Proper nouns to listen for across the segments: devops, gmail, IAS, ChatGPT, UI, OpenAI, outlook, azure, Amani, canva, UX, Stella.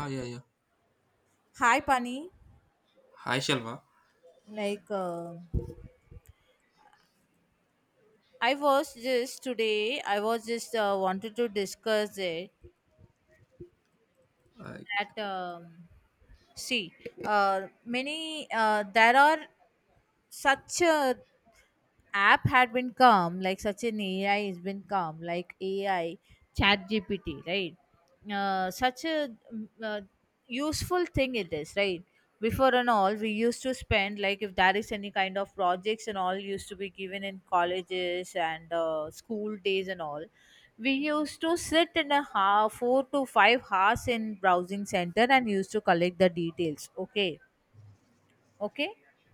Ah, yeah, yeah. Hi, Pani. Hi, Shalva. Like, uh, I was just wanted to discuss it Uh, that, see, there are such app had been come like such an ai has been come like ai chat gpt, right? Such a um, uh, Useful thing it is, right? Before and all we used to spend like if there is any kind of projects and all used to be given in colleges and school days and all, we used to sit in a half, 4 to 5 hours in browsing center and used to collect the details. Okay. Okay.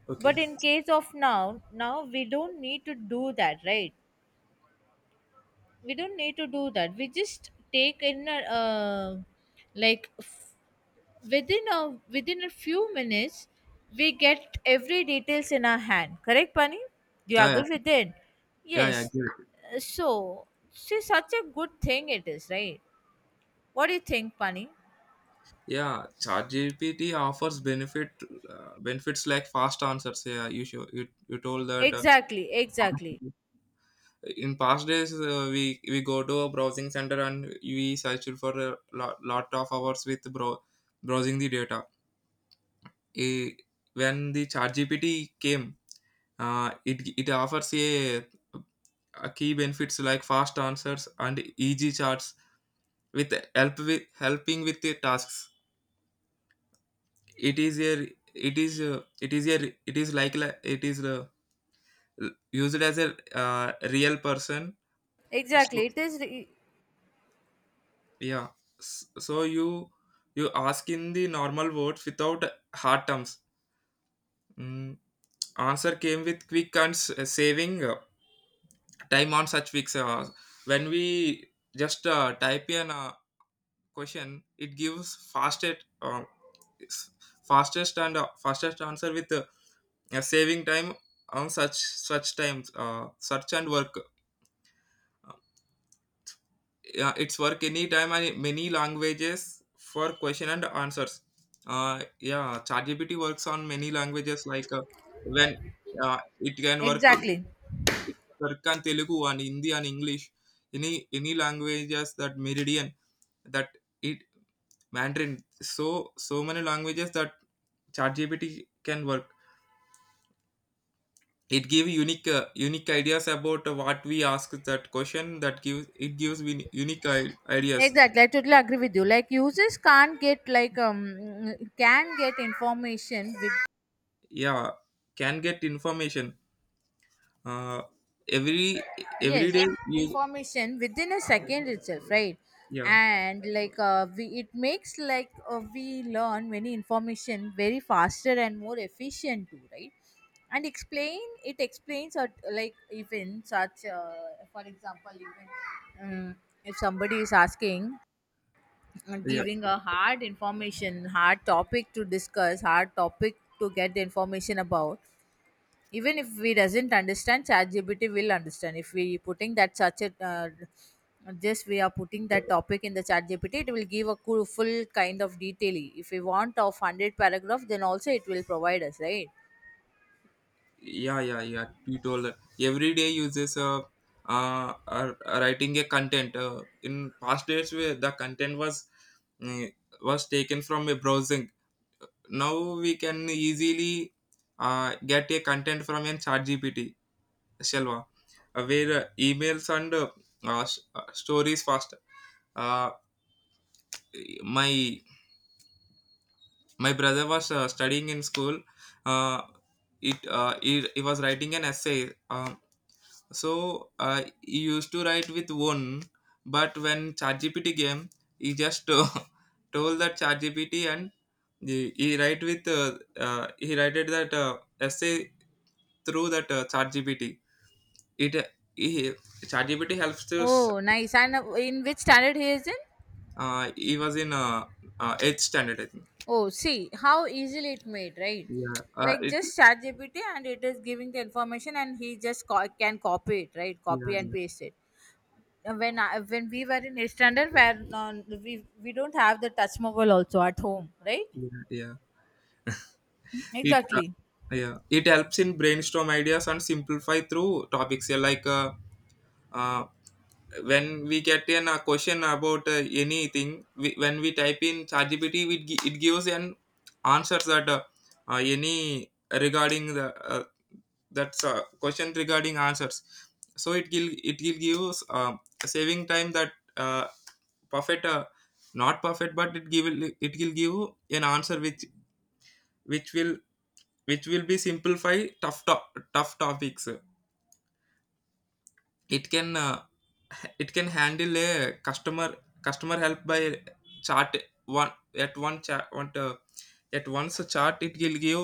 okay. But in case of now, now we don't need to do that, right? We don't need to do that. We just take in a like f- within a within a few minutes, we get every details in our hand. Correct, Pani? Do you Yeah, yeah, agree with it? yeah, yeah. Yes. Give it. So, see, such a good thing it is, right? What do you think, Pani? Yeah, ChatGPT offers benefits like fast answers. Yeah, you told that. Exactly, exactly, In past days, we go to a browsing center and we search for a lot of hours with browsing the data. Eh, when the ChatGPT came, it offers a key benefits like fast answers and easy charts with helping with the tasks. It is a it is a, it is a it is like li- it is used as a real person. So exactly. Yeah, so you ask in the normal words without hard terms. mm, Answer came with quick and saving time on such weeks when we just type in a question. It gives fastest s- fastest and fastest answer with yeah, saving time on such times, search and work. Uh, yeah, it's work any time and many languages for question and answers. uh, yeah, ChatGPT works on many languages like, when uh, it can work on, Exactly. it can work on Telugu and Hindi and English, any languages that Meridian, that it Mandarin. So so many languages that ChatGPT can work. It gives unique ideas about what we ask. That question, that gives it gives me unique ideas. Exactly, I totally agree with you. Like users can't get like can get information with, Yeah, can get information, uh every yes, day use. information within a second itself, right? Yeah, And like we it makes like we learn many information very faster and more efficient too, right? And explain It explains, or like even such for example, even um, if somebody is asking and yeah, giving a hard information, hard topic to discuss, hard topic to get the information about, even if we doesn't understand, ChatGPT will understand. If we putting that such a just we are putting that topic in the ChatGPT, it will give a cool, full kind of detail. If we want of 100 paragraph, then also it will provide us, right? yeah, yeah, yeah, you told that every day uses. Uh are writing a content, in past days where the content was, mm, was taken from a browsing. Now we can easily get a content from an chat gpt, Shalva, where emails and stories faster. Uh, my brother was studying in school. Uh, it He, was writing an essay. He used to write with one, but when ChatGPT came, he just told that ChatGPT, and he write with he wrote that essay through that ChatGPT. It he ChatGPT helps us. Oh nice, and in which standard he is in? He was in eighth standard, I think. Oh, see how easily it made, right? Yeah. Like just chat GPT and it is giving the information, and he just can copy it, right? Yeah. Copy and Yeah. paste it. And when I, when we were in eighth standard, where we don't have the touch mobile also at home, right? Yeah. Yeah. It. Exactly. Yeah. It helps in brainstorm ideas and simplify through topics. Yeah, like, uh, when we get in a question about anything, when we type in ChatGPT, it gives an answers that, any regarding the that's question regarding answers. So it will give us, saving time that uh, perfect, not perfect, but it give it will give an answer which which will which will be simplify tough tough topics. It can it can handle a customer customer help by chart, one at one chart one at once a chart. It will give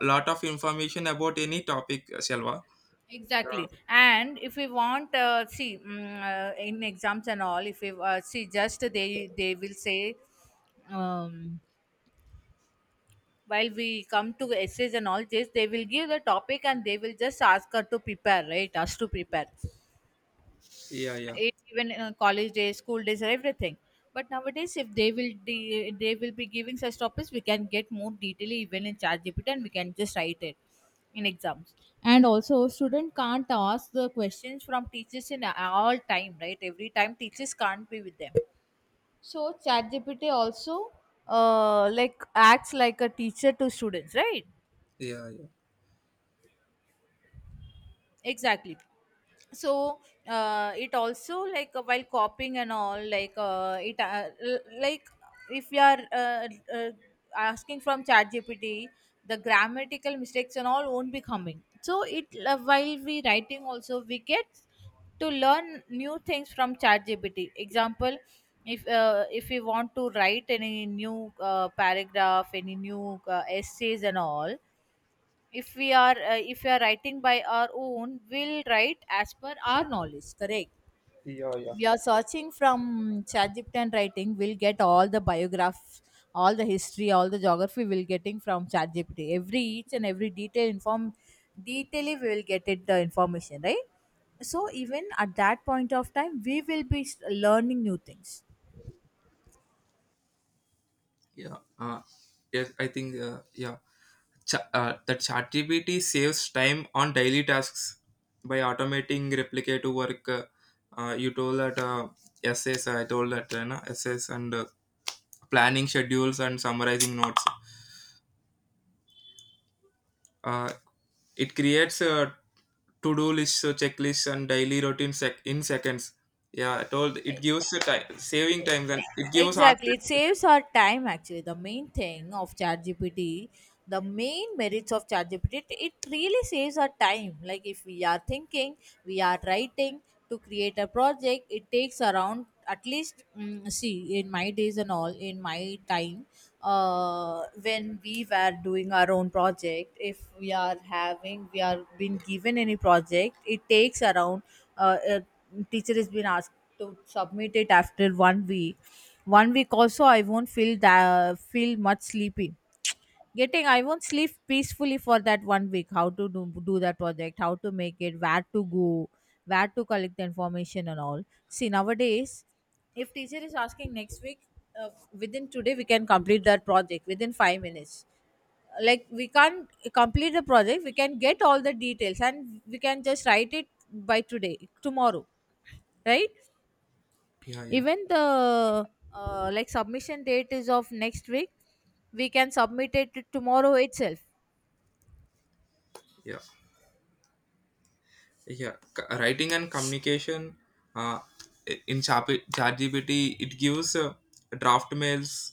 a lot of information about any topic, shalva. Uh, Exactly. And if we want, see in exams and all, if we see, just they will say. Um, while we come to essays and all this, they will give the topic and they will just ask her to prepare, right, us to prepare. yeah yeah Even in college days, school days or everything, but nowadays if they will they will be giving such topics, we can get more detail even in chat gpt, and we can just write it in exams. And also student can't ask the questions from teachers in all time, right? Every time teachers can't be with them, so chat gpt also like acts like a teacher to students, right? yeah yeah Exactly. So it also, like while copying and all, like like, if we are uh, asking from chat gpt, the grammatical mistakes and all won't be coming. So it while we writing also, we get to learn new things from chat gpt. Example, if we want to write any new paragraph, any new essays and all, if we are writing by our own, we'll write as per our knowledge, correct. yeah yeah. We are searching from ChatGPT and writing, we'll get all the biograph, all the history, all the geography we'll getting from ChatGPT. Every each and every detail inform, detailly we will get it the information, right? So even at that point of time, we will be learning new things. yeah Yes, I think, yeah, that ChatGPT saves time on daily tasks by automating replicative work. You told that, essays, I told that you know, essays, and planning schedules and summarizing notes. Uh, it creates a to-do lists, checklists, and daily in seconds. Yeah, I told it gives the time, saving times, and it gives answers. Exactly, it saves our time actually. The main thing of ChatGPT, the main merits of ChatGPT, it really saves our time. Like if we are thinking, we are writing to create a project, it takes around at least see in my days and all, in my time, when we were doing our own project, if we are having, we are being given any project, it takes around uh, uh teacher has been asked to submit it after 1 week. 1 week also I won't feel that, feel much sleepy, getting I won't sleep peacefully for that 1 week, how to do that project, how to make it, where to go, where to collect the information and all. See nowadays, if teacher is asking next week, uh, within today we can complete that project within 5 minutes. Like we can't complete the project, we can get all the details and we can just write it by today tomorrow, right? Yeah, yeah, Even the like submission date is of next week, we can submit it tomorrow itself. yeah. Writing and communication, uh, in ChatGPT, it gives draft mails,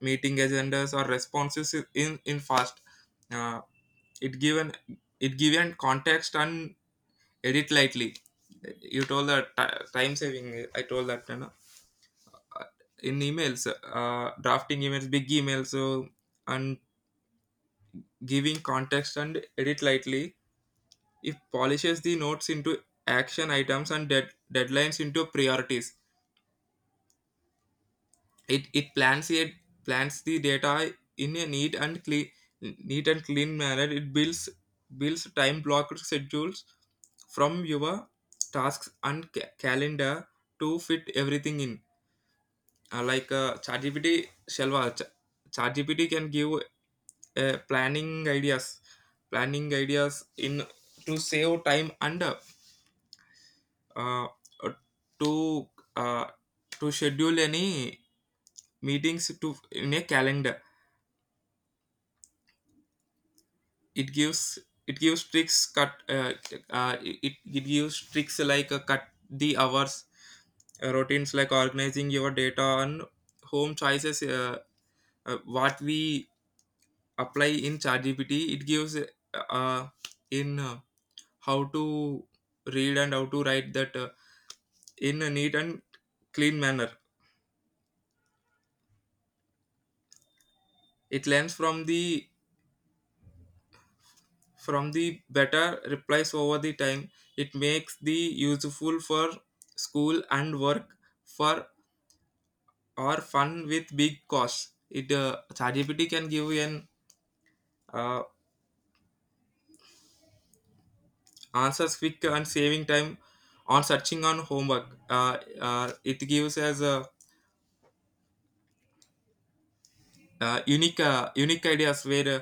meeting agendas, or responses, in fast. uh, it given it given context and edit lightly. You told that time saving, I told that, you know. Uh, in emails, drafting emails, big emails, so and giving context and edit lightly. It polishes the notes into action items and deadlines into priorities. It plans the data in a neat and clean manner. It builds time blocked schedules from your tasks and calendar to fit everything in. ChatGPT, Shelva, ChatGPT can give uh, planning ideas, planning ideas in to save time and uh, to uh, to schedule any meetings to in a calendar. It gives it gives tricks cut uh, it gives tricks like cut the hours, routines like organizing your data and home choices. What we apply in ChatGPT, it gives uh, in how to read and how to write that in a neat and clean manner. It learns from the better replies over the time. It makes the useful for school and work for or fun with big costs. It ChatGPT can give you an uh, answers quick and saving time on searching on homework. It gives us a unique ideas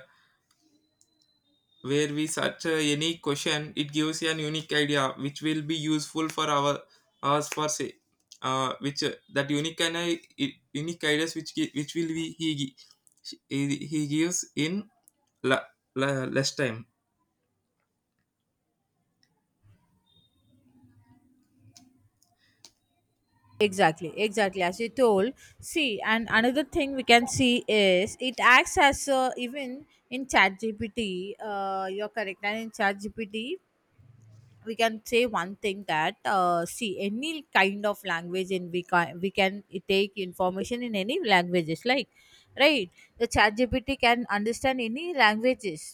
where we search a unique question, it gives an unique idea which will be useful for our us for say which that unique and I, unique ideas which gi- which will be he gi- he gives in la, la, less time. Exactly, exactly, as you told. See, and another thing we can see is it acts as a, even in chat gpt, you're correct, and in chat gpt we can say one thing, that see, any kind of language in, we can take information in any languages, like, right, the chat gpt can understand any languages.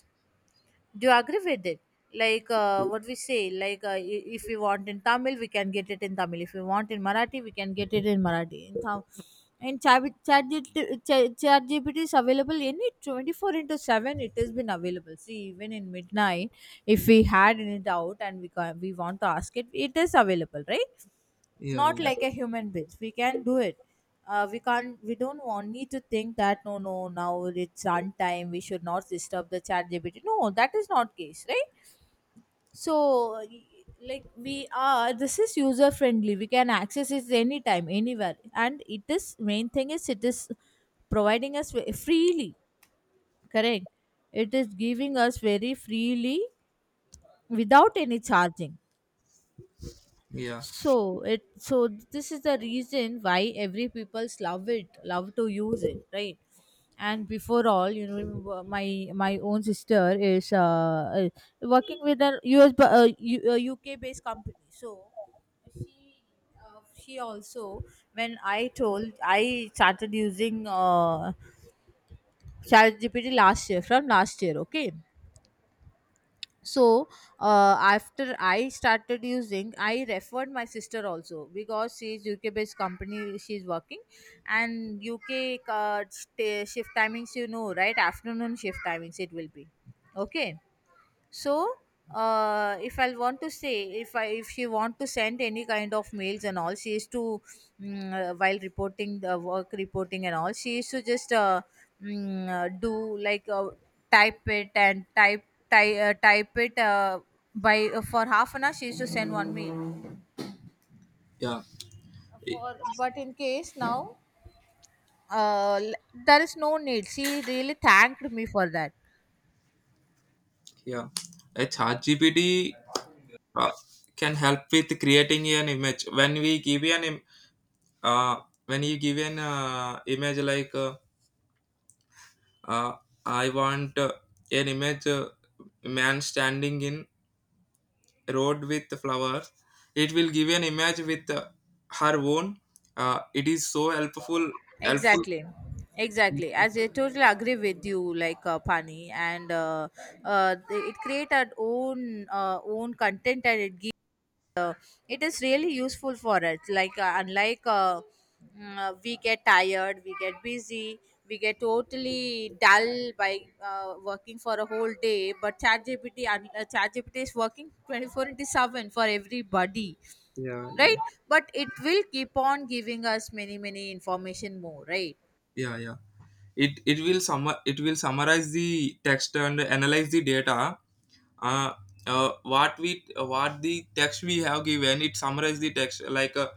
Do you agree with it? Like what we say, like if we want in tamil, we can get it in tamil. If we want in marathi, we can get it in marathi. And chat gpt is available any 24 into 7, it has been available. See, even in midnight if we had any doubt, and we can, we want to ask it, it is available, right? yeah Not yeah like a human being we can do it. We don't want need to think that no no now it's time. We should not disturb the chat gpt, no, that is not case, right? So like we are, this is user friendly, we can access it anytime anywhere, and it is main thing is, it is providing us freely, correct? It is giving us very freely without any charging. yeah So it, so this is the reason why every people's love it, love to use it, right? And before all, you know, my own sister is working with a uk based company. So she she also, when I told I started using ChatGPT last year, from last year, okay? So after I started using, I referred my sister also, because she's uk based company, she's working, and uk shift timings, you know, right? Afternoon shift timings, it will be okay. So if I want to say, if I, if she want to send any kind of mails and all, she is to while reporting the work, reporting and all, she is to just do like type it and type it by for half an hour she is to send one mail. yeah I- For, but in case now, uh, l- there is no need, she really thanked me for that. yeah a chat gpt uh, can help with creating an image. When we give an uh, when you give an image like, Uh, I want an image man standing in road with flowers. It will give an image with her own. It is so helpful. Helpful. Exactly. Exactly. As I totally agree with you, like Pani, and it create our own own content and it gives. It is really useful for us. Like unlike we get tired, we get busy, we get totally dull by working for a whole day. But ChatGPT, ChatGPT is working 24 into seven for everybody, Yeah, yeah, right? But it will keep on giving us many many information more, right? yeah, yeah. It will summarize the text and analyze the data. Uh, what the text we have given, it summarize the text like, uh,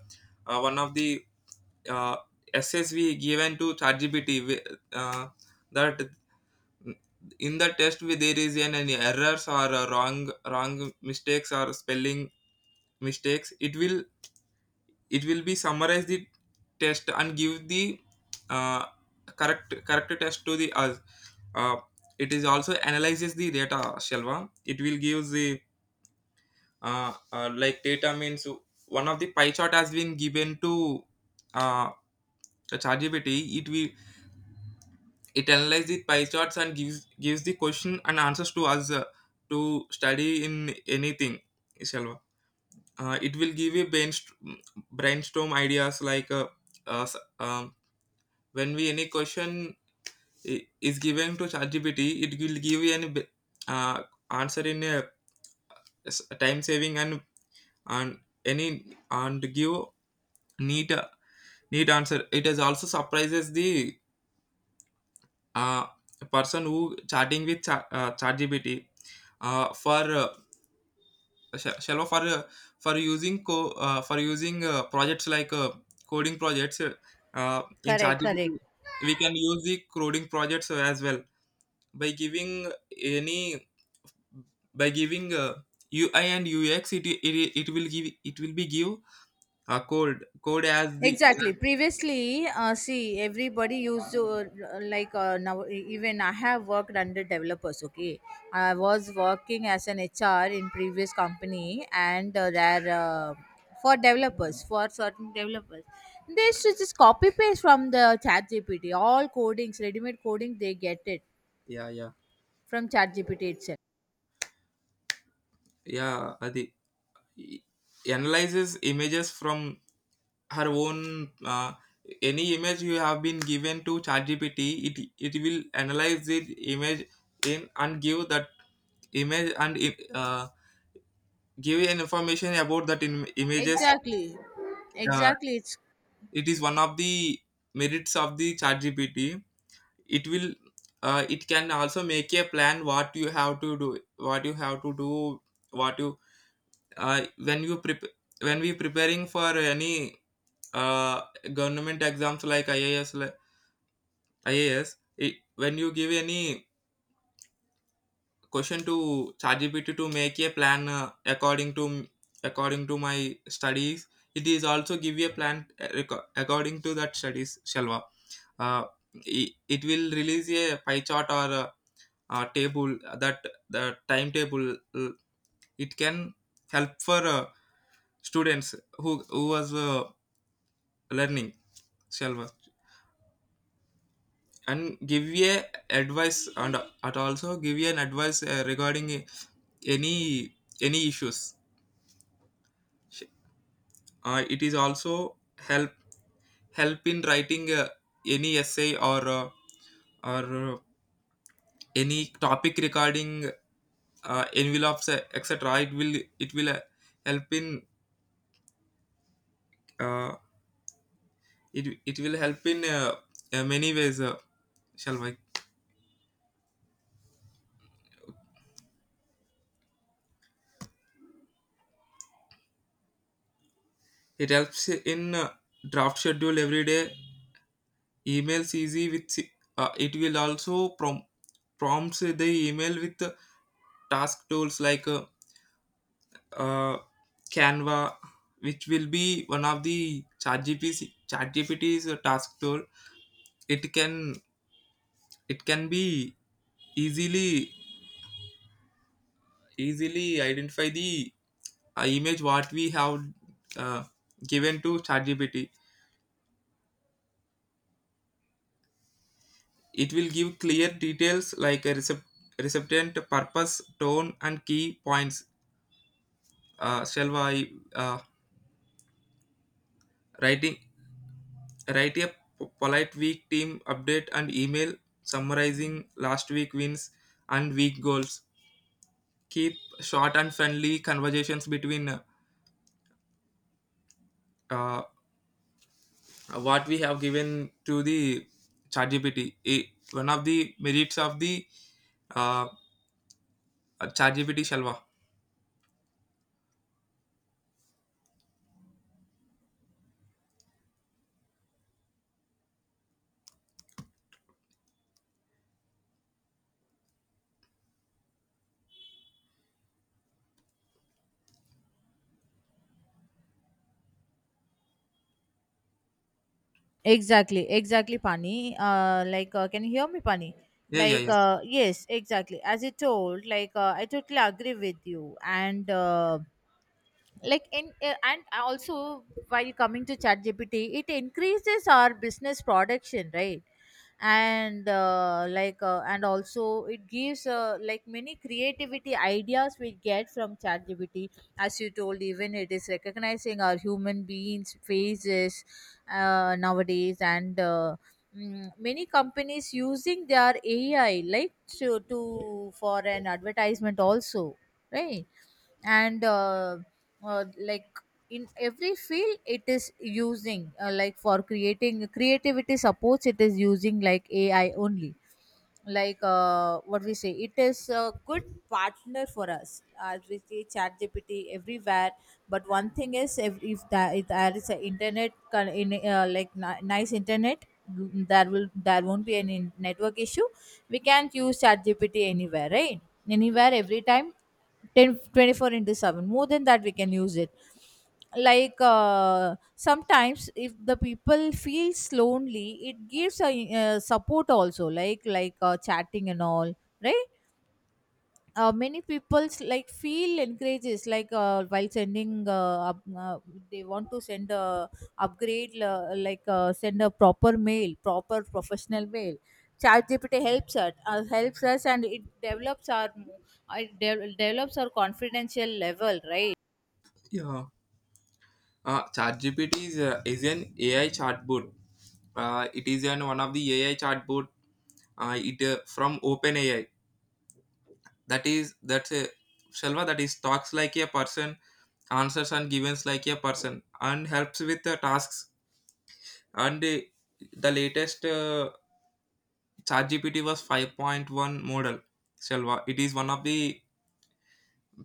uh, one of the uh, essays we given to ChatGPT uh, that in the test there is an errors or a wrong mistakes or spelling mistakes. It will be summarize the test and give the uh, correct test to the us. uh, it is also analyzes the data, shelva. It will give the uh, like data means one of the pie chart has been given to uh, ChatGPT. It analyzes the pie charts and gives the question and answers to us to study in anything, Shalva. It will give you brainstorm ideas like uh, s- um, when we any question is given to ChatGPT, it will give you an uh, answer in a time saving and any and give neat neat answer. It has also surprises the, uh, a person who chatting with ChatGPT uh, for uh, shallow, for for using projects like coding projects. In Correct, correct. ChatGPT we can use the coding projects as well by giving any by giving UI and UX. It it will give it will be give a code as the, Exactly. Previously, see, everybody used to like now. Even I have worked under developers. Okay, I was working as an HR in previous company, and there for developers, for certain developers, they used to just copy paste from the Chat GPT. All codings, ready-made coding, they get it yeah yeah from Chat GPT itself. yeah. Adi analyzes images from her own. Any image you have been given to ChatGPT, it will analyze the image in and give that image and uh, give an information about that in images. Exactly, Uh, exactly. It's it is one of the merits of the ChatGPT. It will it can also make a plan, what you have to do, what you have to do, what you when you prep when we preparing for any uh, government exams like IAS. Ah, yes, it, when you give any question to ChatGPT to make a plan according to my studies, it is also give you a plan according to that studies, Shalva. Uh, it will release a pie chart or a table, that the timetable. It can help for students who was learning, Shalva, and give you a advice and at also give you an advice regarding any issues. It is also help help in writing any essay or or uh, any topic regarding envelopes, etc. It will help in uh, it, it will help in many ways, shall we. It helps in draft schedule every day, emails easy with, it will also prompts the email with task tools like uh, canva, which will be one of the chat gpt's task tool. it can it can be easily identify the image what we have uh, given to ChatGPT. It will give clear details like a recipient, purpose, tone, and key points. Shall I writing write a polite week team update and email summarizing last week wins and week goals. Keep short and friendly conversations between, uh, what we have given to the ChatGPT. One of the merits of the uh, ChatGPT, Shalva. exactly, exactly, Pani. Like, can you hear me, Pani? Yeah, yeah, Like, yeah. Yes, exactly. As you told, like, I totally agree with you. And like in and also while coming to chat gpt, it increases our business production, right? And like, and also it gives, like, many creativity ideas we get from chat gpt. As you told, even it is recognizing our human beings faces nowadays, and many companies using their ai, like to for an advertisement also, right? And like, in every field it is using, like, for creating creativity supports, it is using like ai only. Like, what we say, it is a good partner for us, as we see chat gpt everywhere. But one thing is, if there is an internet like nice internet, there won't be any network issue. We can use chat gpt anywhere, right? Anywhere, every time, 10 24 into 7, more than that we can use it. Like, sometimes if the people feels lonely, it gives a, support also, like chatting and all, right? Many people like feel encourages, like, while sending, they want to send a upgrade like send a proper mail, proper professional mail. Chat gpt helps us, helps us, and it develops our confidential level, right? Yeah. ChatGPT is an AI chatbot. It is an one of the AI chatbot. It From OpenAI. That's a, shalva, that is talks like a person, answers and givens like a person and helps with the tasks, and the latest chat was 5.1 model, shalva. It is one of the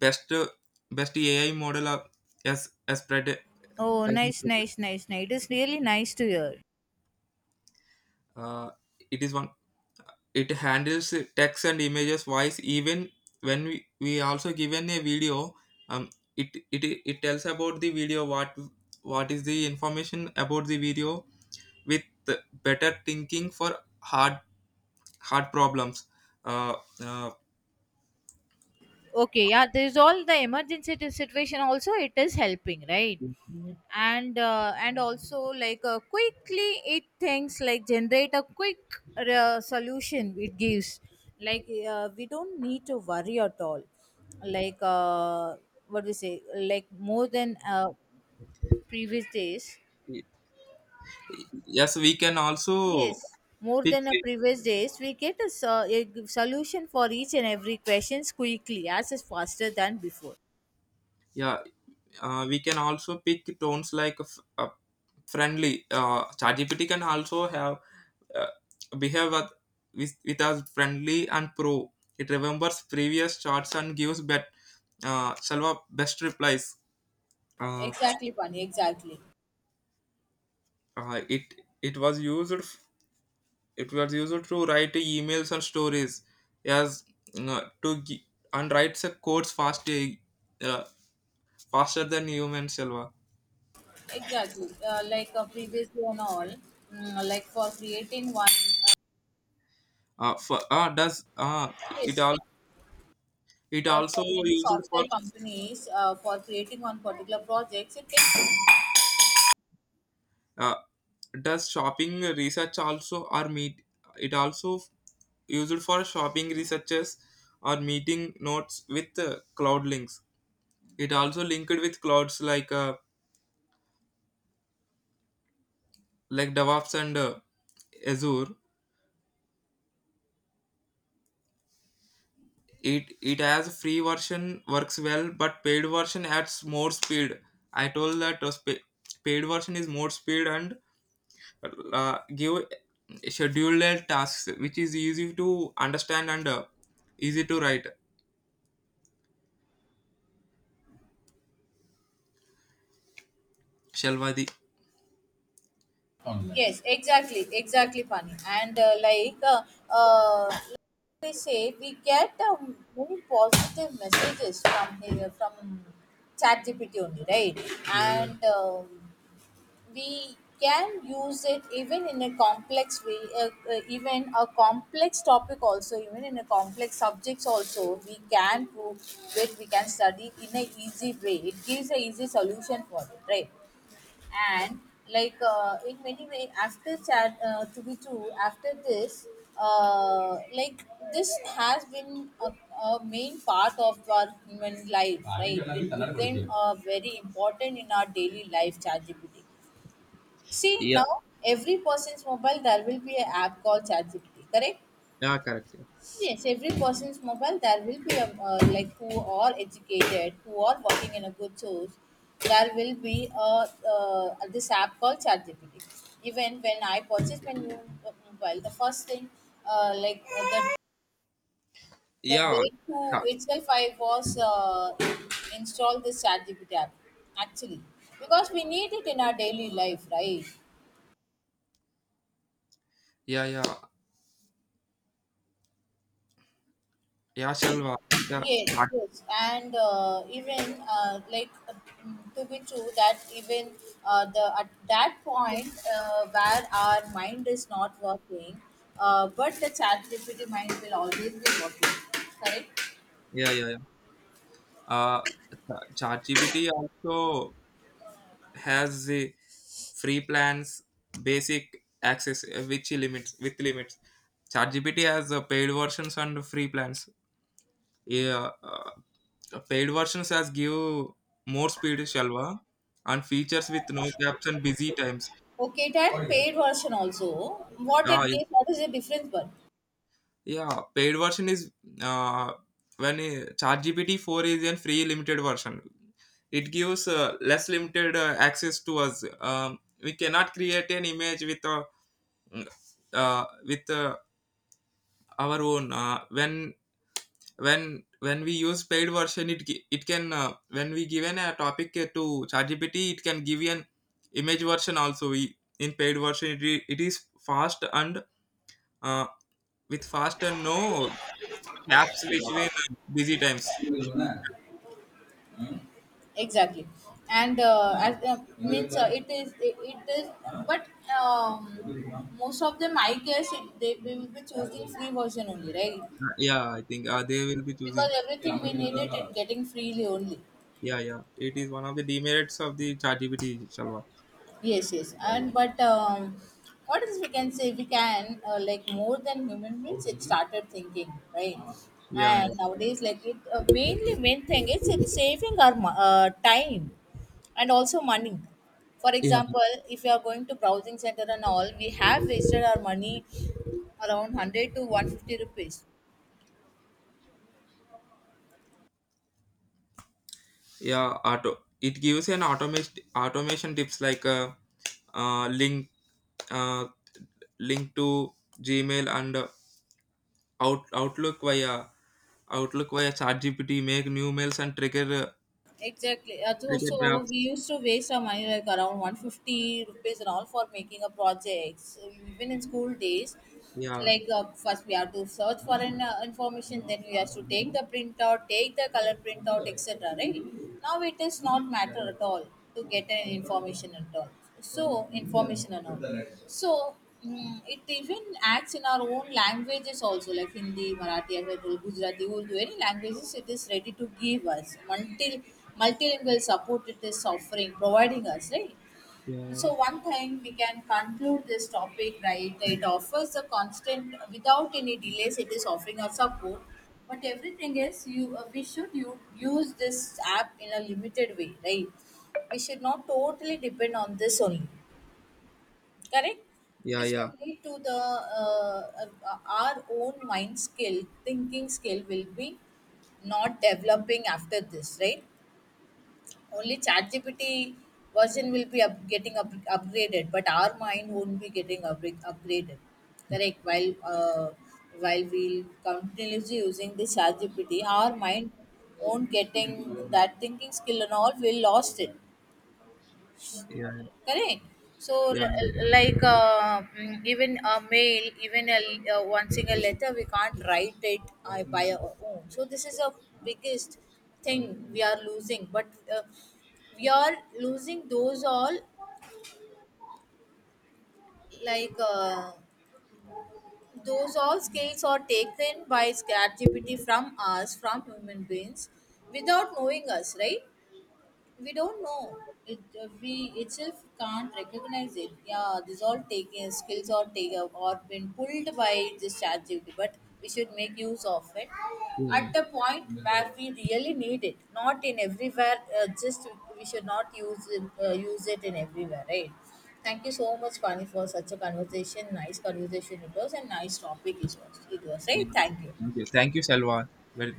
best best ai model of, as spread Oh, as, nice, nice, nice, nice. It is really nice to hear. uh, it is one. It handles text and images, voice, even when we also given a video. um it, it it tells about the video, what is the information about the video with the better thinking for hard problems. uh, uh, Okay, yeah, there's all the emergency situation also, it is helping, right? And also, like, quickly it thinks, like, generate a quick solution it gives. Like, we don't need to worry at all. Like, what we say, like more than previous days. yes, we can also Yes, more pick than a it. previous days, we get a, solution for each and every questions quickly, as is faster than before. Yeah, we can also pick tones like friendly. ChatGPT can also have uh, behave with us friendly and pro. It remembers previous charts and gives bet Salva best replies. Uh, Exactly, Pani. Exactly. it it was used to write emails and stories as uh, to gi- and writes a codes fast, uh, faster than human, Salva. Exactly. Like, previously and all, like for creating one, uh, For, does it case, all It also for many used for software companies, for creating one particular project, it takes. uh, does shopping research also or meet. It also used for shopping researches or meeting notes with cloud links. It also linked with clouds like devops and azure. It has free version works well, but paid version adds more speed. I told that paid version is more speed and give scheduled tasks which is easy to understand and easy to write, shalvadi. Yes, exactly. Exactly, Pani. And like, uh, they say we get very positive messages from here, from ChatGPT only, right? Yeah, yeah. And we can use it even in a complex way, even a complex topic also, even in a complex subjects also. We can prove it. We can study in a easy way. It gives a easy solution for it, right? And, like, in many ways, after chat to be true, after this, like, this has been a main part of our human life, right? It has been very important in our daily life, ChatGPT. See Yeah, now, every person's mobile, there will be an app called ChatGPT, correct? yeah, correct. Yeah, Yes, every person's mobile, there will be a, like, who are educated, who are working in a good source. There will be a, this app called ChatGPT. Even when I purchased my new mobile, the first thing, like, the yeah, day cha-, to itself, I was installed this ChatGPT app, actually, because we need it in our daily life, right? yeah, yeah. Yeah, Shalva. Yeah, Yes, Chat-, yes, and even, like, to be true, that even, the at that point, where our mind is not working, but the chat GPT mind will always be working. Correct. yeah, yeah. Yeah. Uh, ChatGPT also has the free plans, basic access, which limits with limits. ChatGPT has paid versions and free plans. Yeah, paid versions has give more speed, Shalva, and features with no caps and busy times. Okay, that paid version also. What Ah, it gives, what is the difference? But, yeah, paid version is uh, when ChatGPT 4 is a free limited version. It gives less limited access to us. We cannot create an image with uh, with uh, our own. When when we use paid version, it can, when we given a topic to ChatGPT, it can give you an image version also. We in paid version, it is fast and uh, with fast and no apps which way busy times. yeah. Exactly. And as means, it is, but, most of them I guess, they will be choosing free version only, right? Yeah, I think, they will be choosing, Because everything we needed, it getting freely only. yeah, yeah, it is one of the demerits of the ChatGPT, gpt, shalva. Yes, yes. And but, what else we can say? We can, like, more than human beings, it started thinking, right? Yeah, yeah, And nowadays, like it, main thing is, it's saving our time and also money. For yeah, example, if you are going to browsing center and all, we have wasted our money around 100 to 150 rupees. yeah. auto It gives an automation tips like uh link uh link to gmail and outlook via ChatGPT. Make new mails and trigger, Exactly. So, trigger so drafts. we used to waste our money like around 150 rupees and all for making a project. So even in school days, Yeah, like, first we have to search for an information, then we have to take the printout, take the color printout, etc. Right? Now it is not matter at all to get an information at all. So information and all. So it even acts in our own languages also, like Hindi, Marathi, as I told, Gujarati, Urdu, any languages it is ready to give us, until multilingual support it is offering, providing us, right? yeah, So one thing we can conclude this topic, right? It offers a constant without any delays, it is offering us support. But everything is, you we should, you use this app in a limited way, right? We should not totally depend on this only, correct? yeah, Which yeah, will lead to the, our own mind skill, thinking skill will be not developing after this, right? Only ChatGPT version will be getting upgraded, but our mind won't be getting up upgraded. Correct. While we continuously using the ChatGPT, our mind won't getting that thinking skill and all. We lost it, yeah, yeah. correct? So Yeah, like, even a mail, even a, one single letter we can't write it by our own. So this is a biggest thing we are losing, but, uh, we are losing those all, like, those all skills are taken by ChatGPT from us, from human beings, without knowing us, right? We don't know it, we itself can't recognize it, yeah, these all taken skills or been pulled by this chat GPT, but we should make use of it yeah. at the point where we really need it, not in everywhere. Just, we should not use it, use it in everywhere, right? Thank you so much, Pani, for such a conversation. Nice conversation it was, and nice topic it was, right? Thank you. Thank you. Thank you, Salwa. Well,